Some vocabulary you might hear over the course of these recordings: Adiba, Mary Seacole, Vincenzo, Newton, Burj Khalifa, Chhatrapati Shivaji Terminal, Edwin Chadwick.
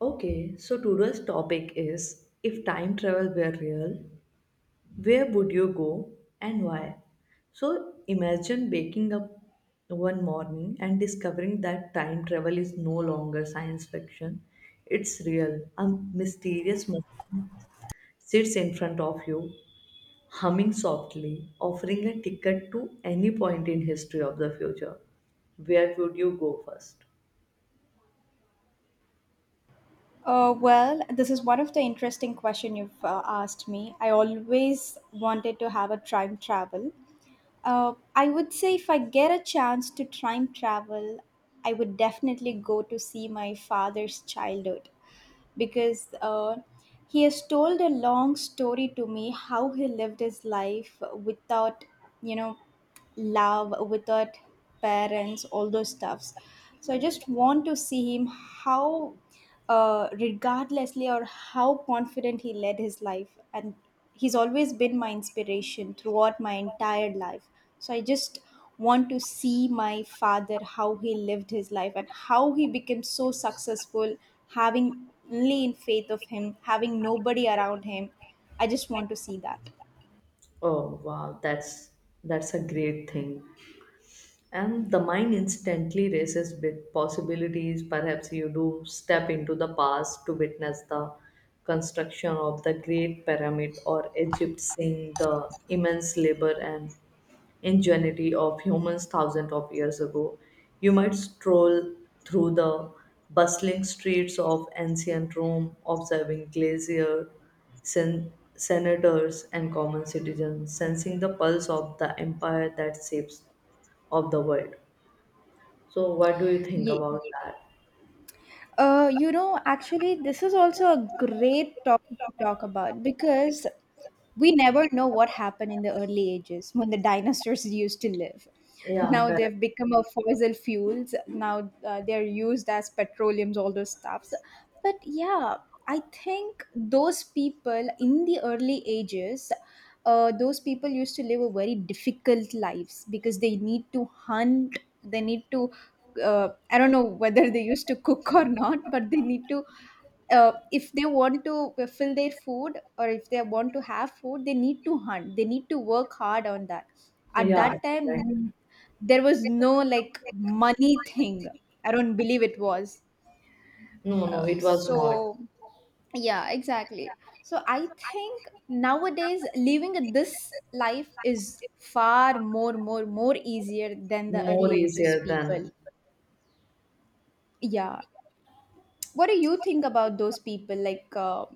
Okay, so today's topic is if time travel were real, where would you go and why? So imagine waking up one morning and discovering that time travel is no longer science fiction. It's real. A mysterious man sits in front of you, humming softly, offering a ticket to any point in history of the future. Where would you go first? This is one of the interesting question you've asked me. I always wanted to have a time travel, I would say if I get a chance to time travel, I would definitely go to see my father's childhood because he has told a long story to me how he lived his life without, you know, love, without parents, all those stuffs. So I just want to see him how, regardlessly or how confident he led his life, and he's always been my inspiration throughout my entire life so I just want to see my father how he lived his life and how he became so successful having only in faith of him having nobody around him. I just want to see that. Oh wow, that's a great thing. And the mind instantly races with possibilities. Perhaps you do step into the past to witness the construction of the Great Pyramid or Egypt, seeing the immense labor and ingenuity of humans thousands of years ago. You might stroll through the bustling streets of ancient Rome, observing glacier, senators, and common citizens, sensing the pulse of the empire that shapes of the world. So, what do you think Yeah. about that? You know, actually, this is also a great topic to talk about because we never know what happened in the early ages when the dinosaurs used to live. Yeah, Now correct. they've become a fossil fuels. Now they're used as petroleums, all those stuffs. But yeah, I think those people in the early ages, those people used to live a very difficult lives because they need to hunt. They need to I don't know whether they used to cook or not, but they need to, if they want to fill their food or if they want to have food, they need to hunt. They need to work hard on that. At Yeah, that correct. time, there was no like money thing. I don't believe it was. No, no, it was not So, yeah, exactly. So I think nowadays living this life is far more easier than the more early ages easier people. than. Yeah. What do you think about those people? Like,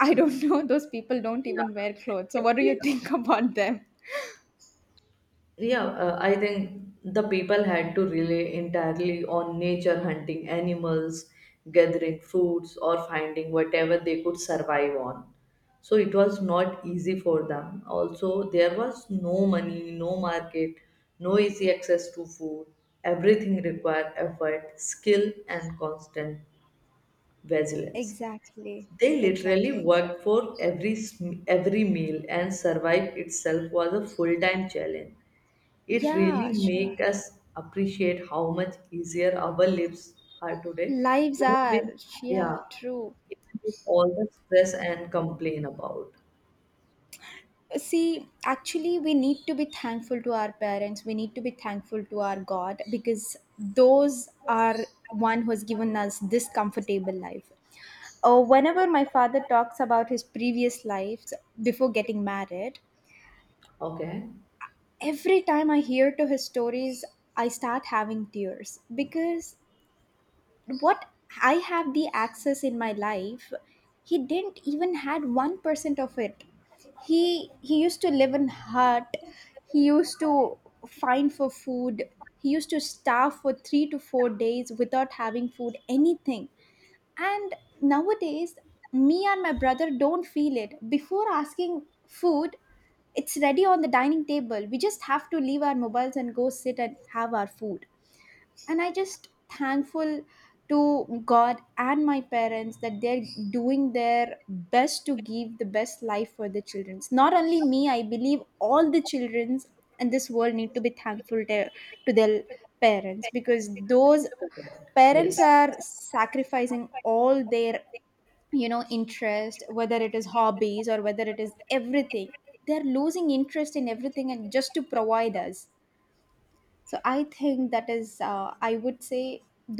I don't know, those people don't Yeah. even wear clothes. So, what do you Actually, think about them? yeah, I think the people had to rely entirely on nature hunting animals, gathering fruits, or finding whatever they could survive on. So it was not easy for them. Also, there was no money, no market, no easy access to food. Everything required effort, skill, and constant vigilance. Exactly, They literally exactly. worked for every meal, and survive itself was a full-time challenge. It really Yeah, sure. make us appreciate how much easier our lives are today, Lives even with, are, yeah, yeah, true. even with all the stress and complain about. See, actually, we need to be thankful to our parents. We need to be thankful to our God because those are one who has given us this comfortable life. Whenever my father talks about his previous lives before getting married, Okay. every time I hear to his stories, I start having tears because what I have the access in my life, he didn't even had 1% of it. He used to live in hut. He used to find for food. He used to starve for 3 to 4 days without having food, anything. And nowadays, me and my brother don't feel it. Before asking food, it's ready on the dining table. We just have to leave our mobiles and go sit and have our food and I just thankful to God and my parents that they're doing their best to give the best life for the children, not only me. I believe all the children in this world need to be thankful to their parents because those Correct. Yes. parents are sacrificing all their, you know, interest whether it is hobbies or whether it is everything. They're losing interest in everything and just to provide us. So I think that is I would say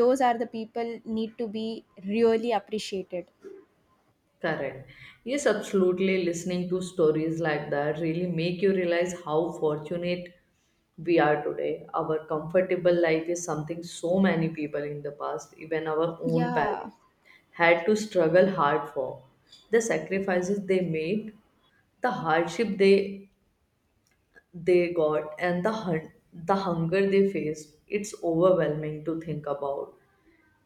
those are the people need to be really appreciated. Correct. Yes, absolutely. Listening to stories like that really make you realize how fortunate we are today. Our comfortable life is something so many people in the past, even our own Yeah, parents, had to struggle hard for. The sacrifices they made, the hardship they got, and the hunger they faced. It's overwhelming to think about.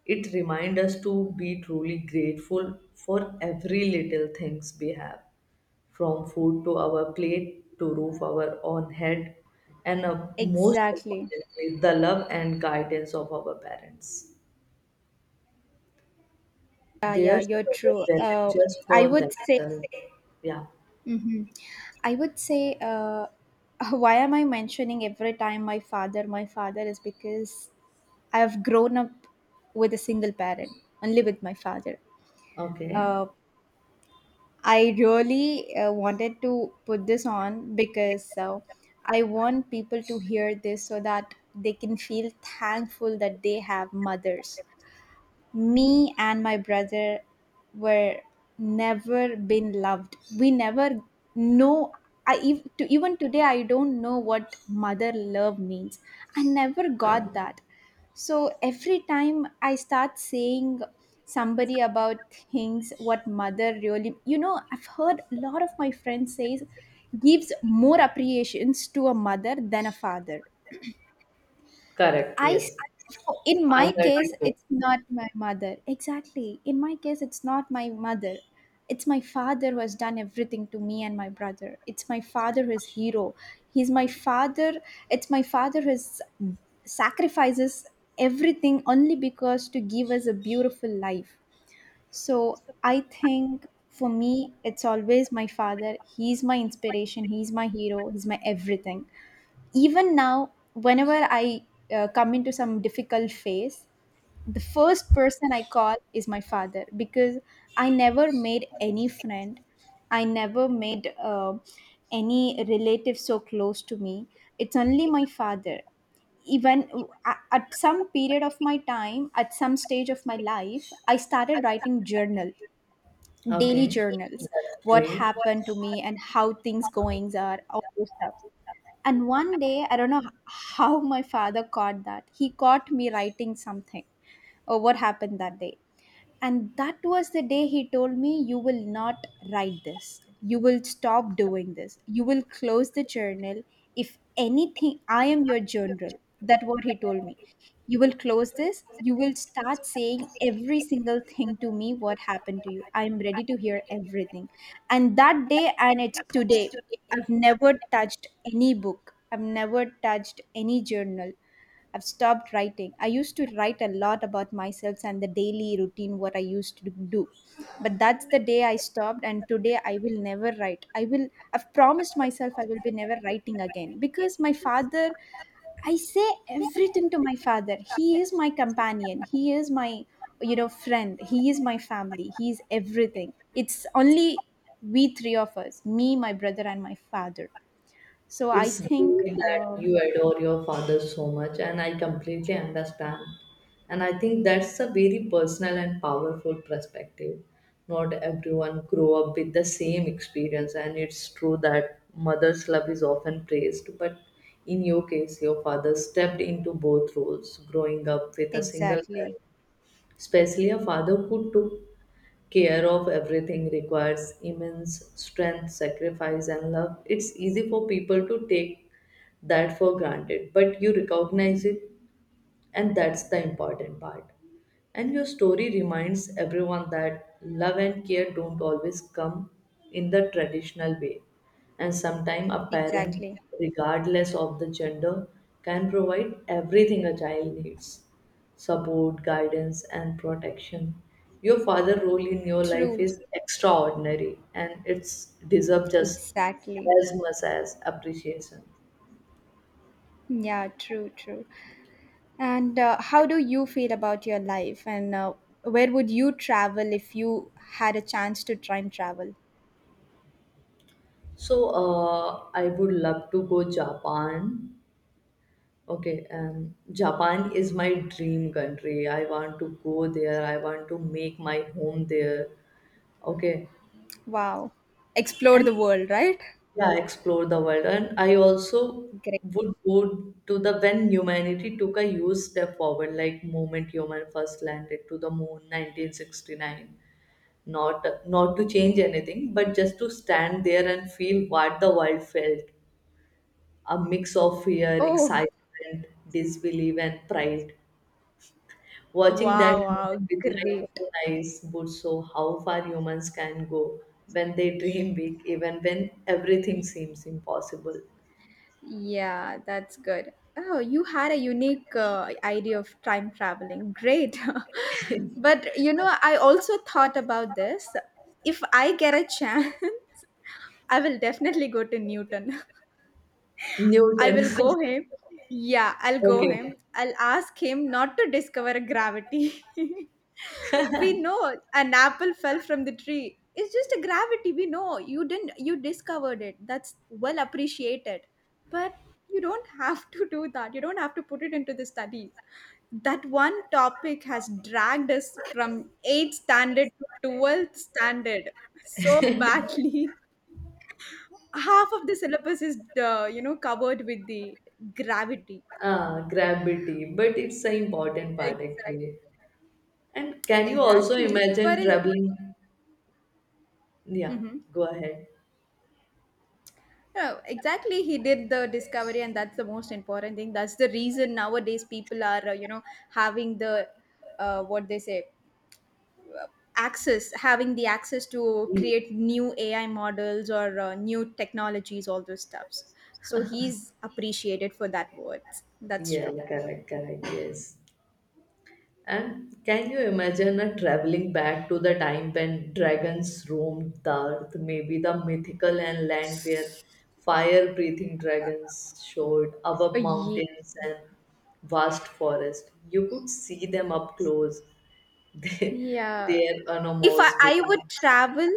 It reminds us to be truly grateful for every little things we have, from food to our plate to roof our own head, and most exactly. importantly, the love and guidance of our parents. Yeah, Their yeah, you're struggle true. wasn't just I for would say, themselves. Yeah. hmm I would say, uh, why am I mentioning every time my father is because I have grown up with a single parent only with my father. Okay. uh, I really wanted to put this on because I want people to hear this so that they can feel thankful that they have mothers. Me and my brother were never been loved. We never know. Even today I don't know what mother love means. I never got that. So every time I start saying somebody about things what mother really, you know, I've heard a lot of my friends says gives more appreciations to a mother than a father. Correct. I s- Yes. so in I my heard you case, too. it's not my mother. Exactly. In my case, it's not my mother. It's my father who has done everything to me and my brother. It's my father who is hero. He's my father. It's my father who is, sacrifices everything only because to give us a beautiful life. So I think for me, it's always my father. He's my inspiration. He's my hero. He's my everything. Even now whenever I come into some difficult phase, the first person I call is my father because I never made any friend. I never made any relative so close to me. It's only my father. Even at some period of my time, at some stage of my life, I started writing journal, daily Okay. journals, That's what great. happened to me and how things goings are all those stuff. And one day, I don't know how my father caught that. He caught me writing something or what happened that day. And that was the day he told me, "You will not write this. You will stop doing this. You will close the journal. If anything, I am your journal." That's what he told me. "You will close this. You will start saying every single thing to me, what happened to you. I am ready to hear everything." And that day, and it's today, I've never touched any book, I've never touched any journal. I've stopped writing. I used to write a lot about myself and the daily routine, what I used to do. But that's the day I stopped, and today I will never write. I will, I've promised myself I will be never writing again because my father, I say everything to my father. He is my companion, he is my, you know, friend, he is my family, he is everything. It's only we three of us, me, my brother, and my father. So I It's think, great that you adore your father so much, and I completely understand. And I think that's a very personal and powerful perspective. Not everyone grow up with the same experience, and it's true that mother's love is often praised, but in your case, your father stepped into both roles, growing up with a single exactly, parent. Especially a father who took care of everything requires immense strength, sacrifice, and love. It's easy for people to take that for granted, but you recognize it, and that's the important part. And your story reminds everyone that love and care don't always come in the traditional way. And sometimes a parent, exactly. regardless of the gender, can provide everything a child needs support, guidance, and protection. Your father role in your life True, is extraordinary and it's deserves just exactly. as much as appreciation. Yeah, true, true. And how do you feel about your life? And where would you travel if you had a chance to time travel? So, I would love to go Japan. Okay, Japan is my dream country. I want to go there. I want to make my home there. Okay, Wow. Explore and the world, right? yeah, explore the world. And I also Great. would go to the when humanity took a huge step forward, like moment human first landed to the moon, 1969. Not to change anything, but just to stand there and feel what the world felt a mix of fear, Oh, excitement, disbelief, and pride. Watching that wow, wow, moment with my great. own eyes would show how far humans can go when they dream big, even when everything seems impossible. Yeah, that's good. Oh, you had a unique idea of time traveling. Great. But you know, I also thought about this. If I get a chance, I will definitely go to Newton. I Newton. will go him. Yeah, I'll go Okay. him. I'll ask him not to discover gravity. we know an apple fell from the tree. It's just a gravity. We know you didn't. You discovered it. That's well appreciated. But you don't have to do that. You don't have to put it into the study. That one topic has dragged us from eighth standard to twelfth standard so badly. Half of the syllabus is you know, covered with the gravity. Ah, gravity, but it's an important part exactly actually. And can you also exactly but imagine it traveling? Yeah, hmm go ahead. no, exactly he did the discovery and that's the most important thing. That's the reason nowadays people are you know, having the what they say, access, having the access to Ye- create new ai models or new technologies, all those stuffs. So he's appreciated for that words. That's Yeah, true. correct, correct, yes. And can you imagine a traveling back to the time when dragons roamed the earth, maybe the mythical and land where fire breathing dragons showed above Uh, mountains and vast forest? You could see them up close, they, Yeah. their If I, enormous I wings. would travel,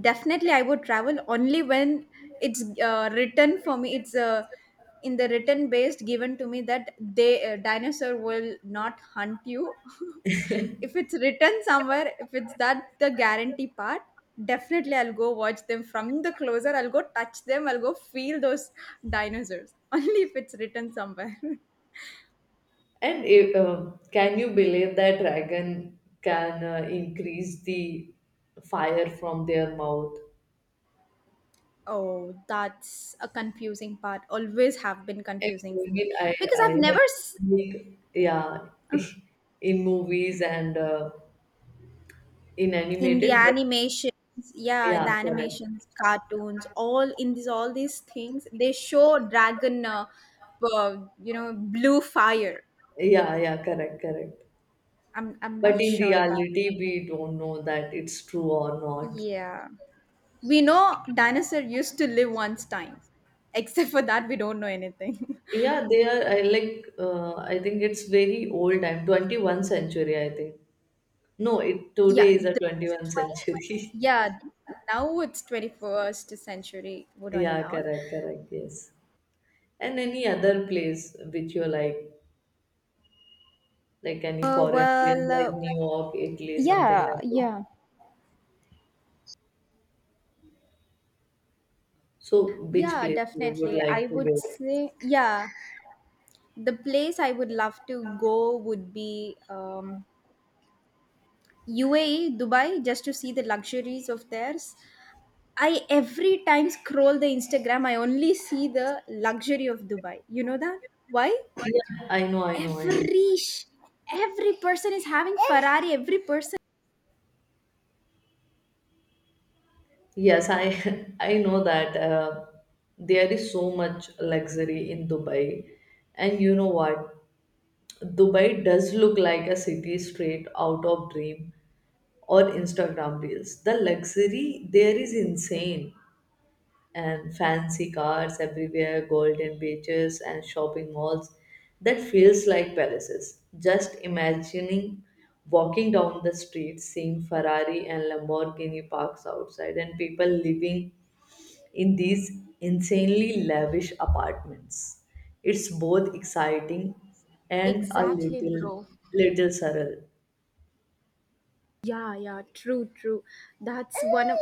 definitely I would travel only when it's written for me. It's in the written based given to me that they dinosaur will not hunt you. if it's written somewhere, if it's that the guarantee part, definitely I'll go watch them from the closer. I'll go touch them. I'll go feel those dinosaurs. Only if it's written somewhere. And if, can you believe that dragon can increase the fire from their mouth? Oh, that's a confusing part. Always have been I confusing for me mean, I, because I I've never have s- seen it, yeah, in movies and in in the animated, but animations, yeah, in yeah, the correct. animations, cartoons, all in these all these things they show dragon, uh, you know, blue fire. Yeah, yeah, correct, correct. I'm But not in sure about it. reality, we don't know that it's true or not. Yeah, we know dinosaur used to live once time. Except for that, we don't know anything. Yeah, they are, I like, I think it's very old time, 21st century, I think. No, it yeah, today is a the 21st 20, century. yeah. Now it's 21st century. We're running Yeah, out. correct, correct, yes. And any other place which you like. Like any Uh, foreign place well, like uh, New York, Italy, something yeah, like that. yeah, So which yeah, place you would definitely. I like to would go? say, yeah, the place I would love to go would be UAE, Dubai, just to see the luxuries of theirs. I every time scroll the Instagram, I only see the luxury of Dubai. You know that? Why? Yeah, I know, I know, I know. Every sh- every person is having Ferrari. Every person. Yes, I I know that there is so much luxury in Dubai, and you know what? Dubai does look like a city straight out of dream or Instagram reels. The luxury there is insane. And fancy cars everywhere, golden beaches and shopping malls that feels like palaces. Just imagining walking down the street, seeing Ferrari and Lamborghini parks outside, and people living in these insanely lavish apartments. It's both exciting and a Exactly, little bro. little surreal. Yeah, yeah, true, true. That's one of.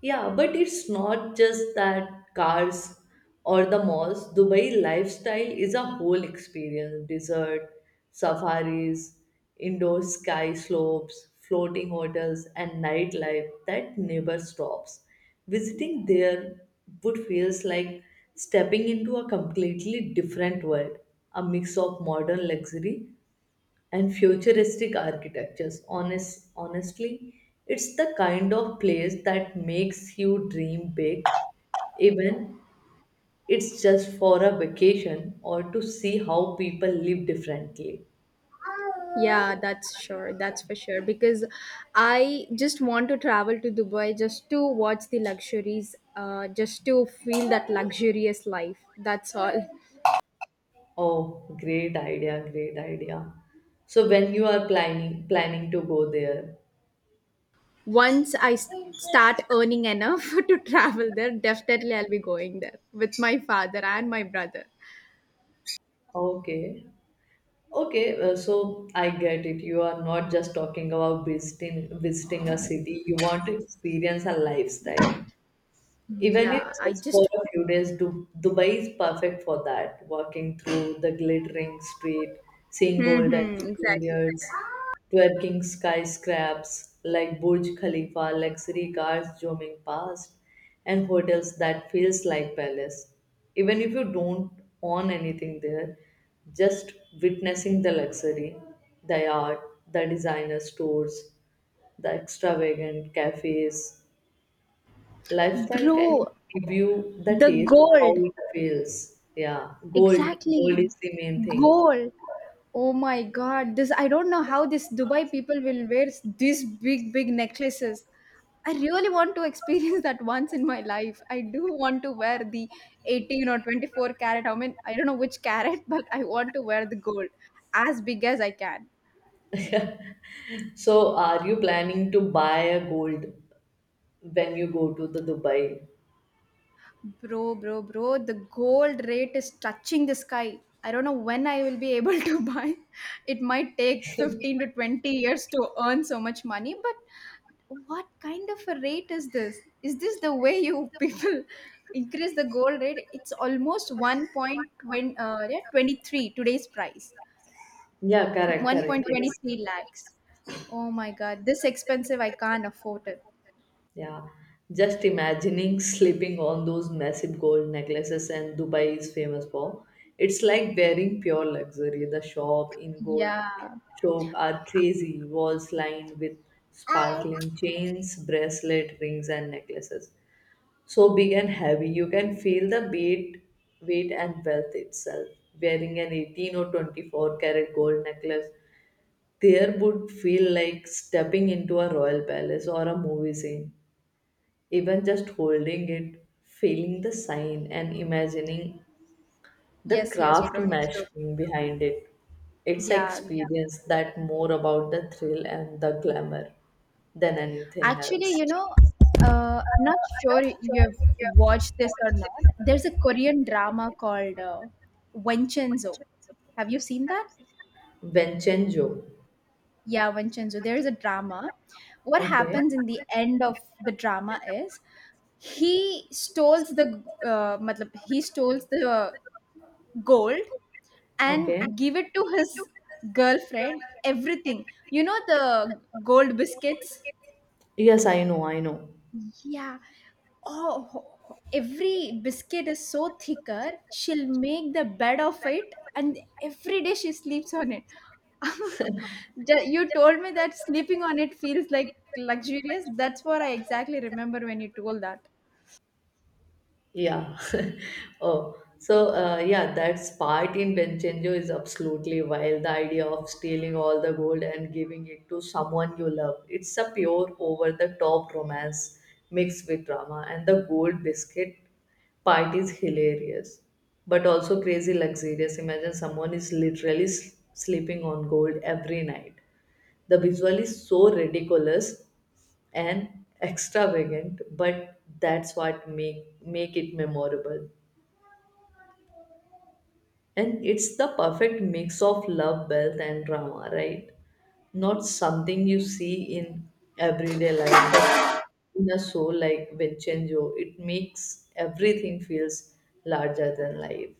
Yeah, but it's not just that cars or the malls. Dubai lifestyle is a whole experience. Desert, safaris, indoor sky slopes, floating hotels, and nightlife that never stops. Visiting there would feels like stepping into a completely different world, a mix of modern luxury and futuristic architectures. Honestly, it's the kind of place that makes you dream big, even it's just for a vacation or to see how people live differently. Yeah, that's sure. That's for sure. Because I just want to travel to Dubai just to watch the luxuries, just to feel that luxurious life. That's all. Oh, great idea, great idea. So when you are planning to go there, Once I start earning enough to travel there, definitely I'll be going there with my father and my brother. okay. Okay, so I get it. You are not just talking about visiting a city. You want to experience a lifestyle. Even if Yeah, I just for just. a few days, Dubai is perfect for that. Walking through the glittering street, seeing golden Exactly. interiors, twerking skyscrapers like Burj Khalifa, luxury cars zooming past, and hotels that feels like palace. Even if you don't own anything there, just witnessing the luxury, the art, the designer stores, the extravagant cafes lifestyle can Bro, give you the the taste of how gold. it feels. Yeah, gold. Gold Exactly. is the main thing. Gold. Oh my God. This I don't know how this Dubai people will wear these big, big necklaces. I really want to experience that once in my life. I do want to wear the 18 or 24 carat. I mean, I don't know which carat, but I want to wear the gold as big as I can. So, are you planning to buy a gold when you go to the Dubai? Bro, the gold rate is touching the sky. I don't know when I will be able to buy. It might take 15 to 20 years to earn so much money, but what kind of a rate is this? Is this the way you people increase the gold rate? It's almost 1.20 yeah, 23 today's price. Yeah, correct, correct. 1.23 lakhs. Yes. Oh my god, this expensive I can't afford it. Yeah. Just imagining slipping on those massive gold necklaces and Dubai is famous for. It's like wearing pure luxury. The shop in gold Yeah. shop are crazy, walls lined with sparkling chains, bracelet, rings and necklaces so big and heavy you can feel the weight and wealth itself, wearing an 18 or 24 karat gold necklace there would feel like stepping into a royal palace or a movie scene, even just holding it, feeling the sign and imagining the Yes, craft bro. True. mashing behind it. It's an Yeah. experience that more about the thrill and the glamour than anything Actually, else. I'm not sure you've watched this or not. There's a Korean drama called Vincenzo. Have you seen that? Vincenzo. Yeah, Vincenzo. There is a drama. What Okay. happens in the end of the drama is he steals the matlab, he steals the gold and Okay. give it to his girlfriend everything, you know, the gold biscuits. Yes, I know. I know. Yeah. Oh, every biscuit is so thicker. She'll make the bed of it, and every day she sleeps on it. You told me that sleeping on it feels like luxurious. That's what I exactly remember when you told that. Yeah. Oh, so yeah, that part in Benchenjo is absolutely wild. The idea of stealing all the gold and giving it to someone you love. It's a pure over the top romance mixed with drama, and the gold biscuit part is hilarious, but also crazy luxurious. Imagine someone is literally sleeping on gold every night. The visual is so ridiculous and extravagant, but that's what make it memorable. And it's the perfect mix of love, wealth and drama, right? Not something you see in everyday life, but in a show like Vincenzo it makes everything feels larger than life.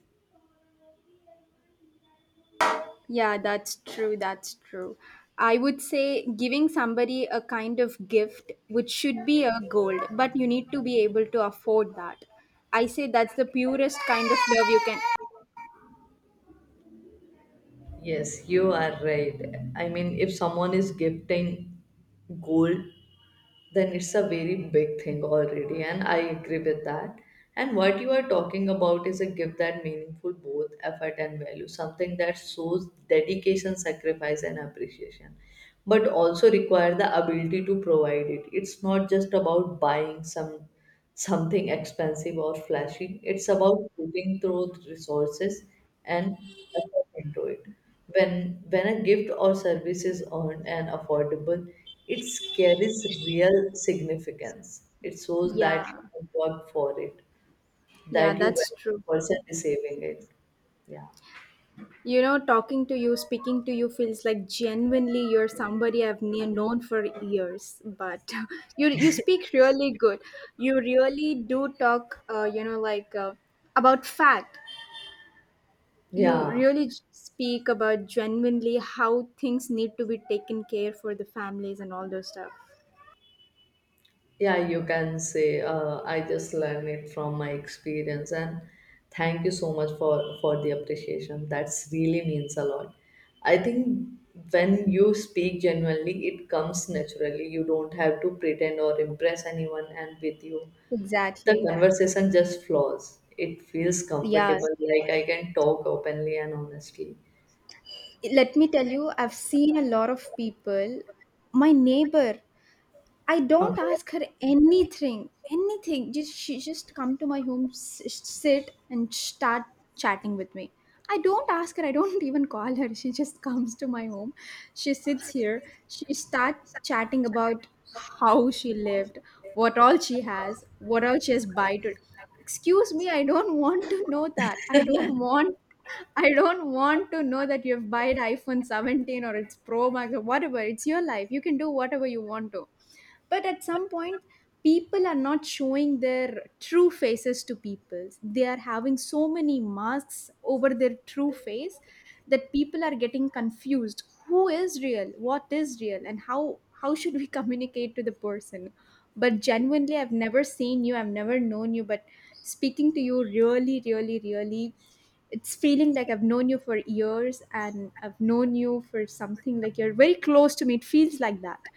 Yeah, that's true. That's true. I would say giving somebody a kind of gift, which should be a gold, but you need to be able to afford that. I say that's the purest kind of love you can. Yes, you are right. I mean, if someone is gifting gold, then it's a very big thing already, and I agree with that. And what you are talking about is a gift that meaningful both effort and value, something that shows dedication, sacrifice and appreciation, but also require the ability to provide it. It's not just about buying something expensive or flashy. It's about putting through resources and effort do it. When a gift or service is earned and affordable, it carries real significance. It shows that you Yeah. have worked for it, Yeah, that you that's value true. the person receiving it. Yeah. You know, talking to you, speaking to you feels like genuinely you're somebody I've known for years. But you speak really good. You really do talk. About fact. You Yeah. really speak about genuinely how things need to be taken care for the families and all those stuff. Yeah, you can say I just learned it from my experience, and thank you so much for the appreciation. That's really means a lot. I think when you speak genuinely, it comes naturally. You don't have to pretend or impress anyone and with you. The Exactly. conversation just flows. It feels Yeah. comfortable, like I can talk openly and honestly. Let me tell you, I've seen a lot of people. My neighbor, I don't Okay. ask her anything, anything. Just she just come to my home, sit and start chatting with me. I don't ask her. I don't even call her. She just comes to my home. She sits here. She start chatting about how she lived, what all she has, what all she has buy to. Excuse me, I don't want to know that. I don't want. I don't want to know that you have bought iPhone 17 or it's Pro Max or whatever. It's your life. You can do whatever you want to, but at some point people are not showing their true faces to people. They are having so many masks over their true face that people are getting confused who is real, what is real, and how should we communicate to the person. But genuinely, I've never seen you, I've never known you, but speaking to you really, really, really it's feeling like I've known you for years and I've known you for something like you're very close to me. It feels like that.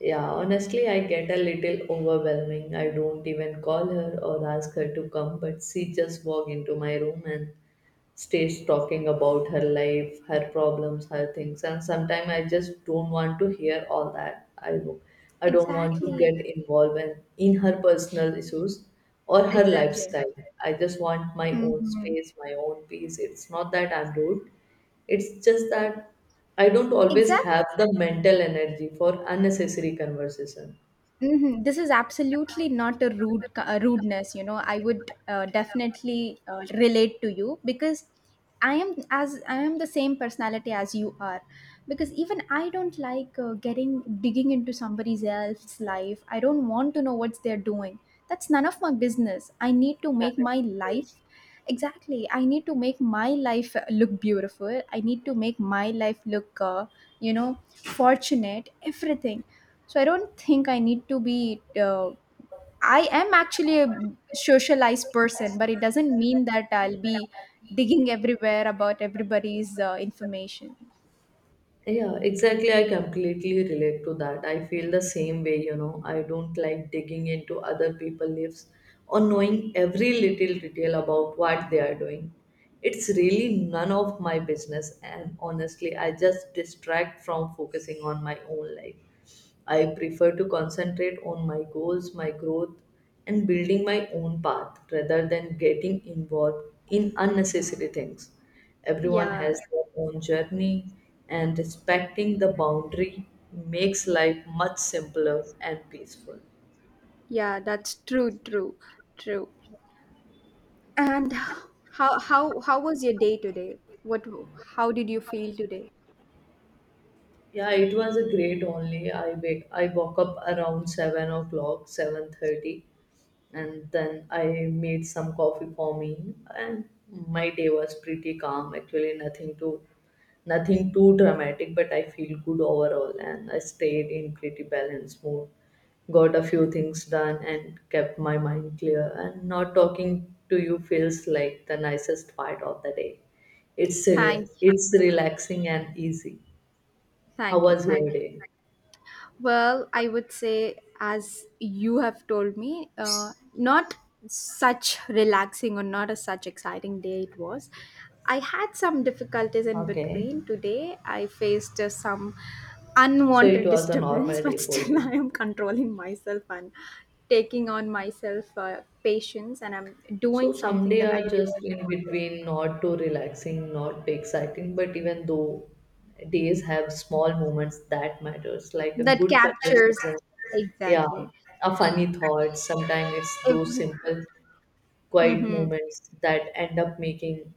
Yeah, honestly, I get a little overwhelming. I don't even call her or ask her to come, but she just walk into my room and stays talking about her life, her problems, her things. And sometimes I just don't want to hear all that. I don't want to Exactly. get involved in her personal issues or her Exactly. lifestyle. I just want my own Mm-hmm. space, my own peace. It's not that I'm rude. It's just that I don't always Exactly. have the mental energy for unnecessary conversation. Hmm. This is absolutely not a rudeness. You know, I would definitely relate to you because I am the same personality as you are. Because even I don't like getting digging into somebody else's life. I don't want to know what they're doing. That's none of my business. I need to make Correct. my Yes. life. Exactly. I need to make my life look beautiful. I need to make my life look, you know, fortunate, everything. So I don't think I need to be. I am actually a socialized person, but it doesn't mean that I'll be digging everywhere about everybody's information. Yeah, exactly. I completely relate to that. I feel the same way, you know. I don't like digging into other people's lives or knowing every little detail about what they are doing. It's really none of my business, and honestly, I just distract from focusing on my own life. I prefer to concentrate on my goals, my growth, and building my own path rather than getting involved in unnecessary things. Everyone Yeah, has their own journey, and respecting the boundary makes life much simpler and peaceful. yeah, that's true, true, true. And how was your day today? What, how did you feel today? Yeah, it was a great only. I woke up around 7 o'clock, 7:30, and then I made some coffee for me, and my day was pretty calm, actually. Nothing too dramatic, but I feel good overall, and I stayed in pretty balanced mood, got a few things done and kept my mind clear, and not talking to you feels like the nicest part of the day. Thanks. It's relaxing and easy. How Thank you, was your thank you. day? Well, I would say, as you have told me, not such relaxing or not a such exciting day it was. I had some difficulties in Okay, between today. I faced some so it unwanted was a disturbance, normal but day for still you. I am controlling myself and taking on myself patience, and I'm doing So some something day that I are just really in wanted to. between, not too relaxing, not too exciting, but even though days have small moments that matters, like a That good captures conversation, yeah, exactly a funny thought. Sometimes it's those every. simple, quiet Mhm. moments that end up making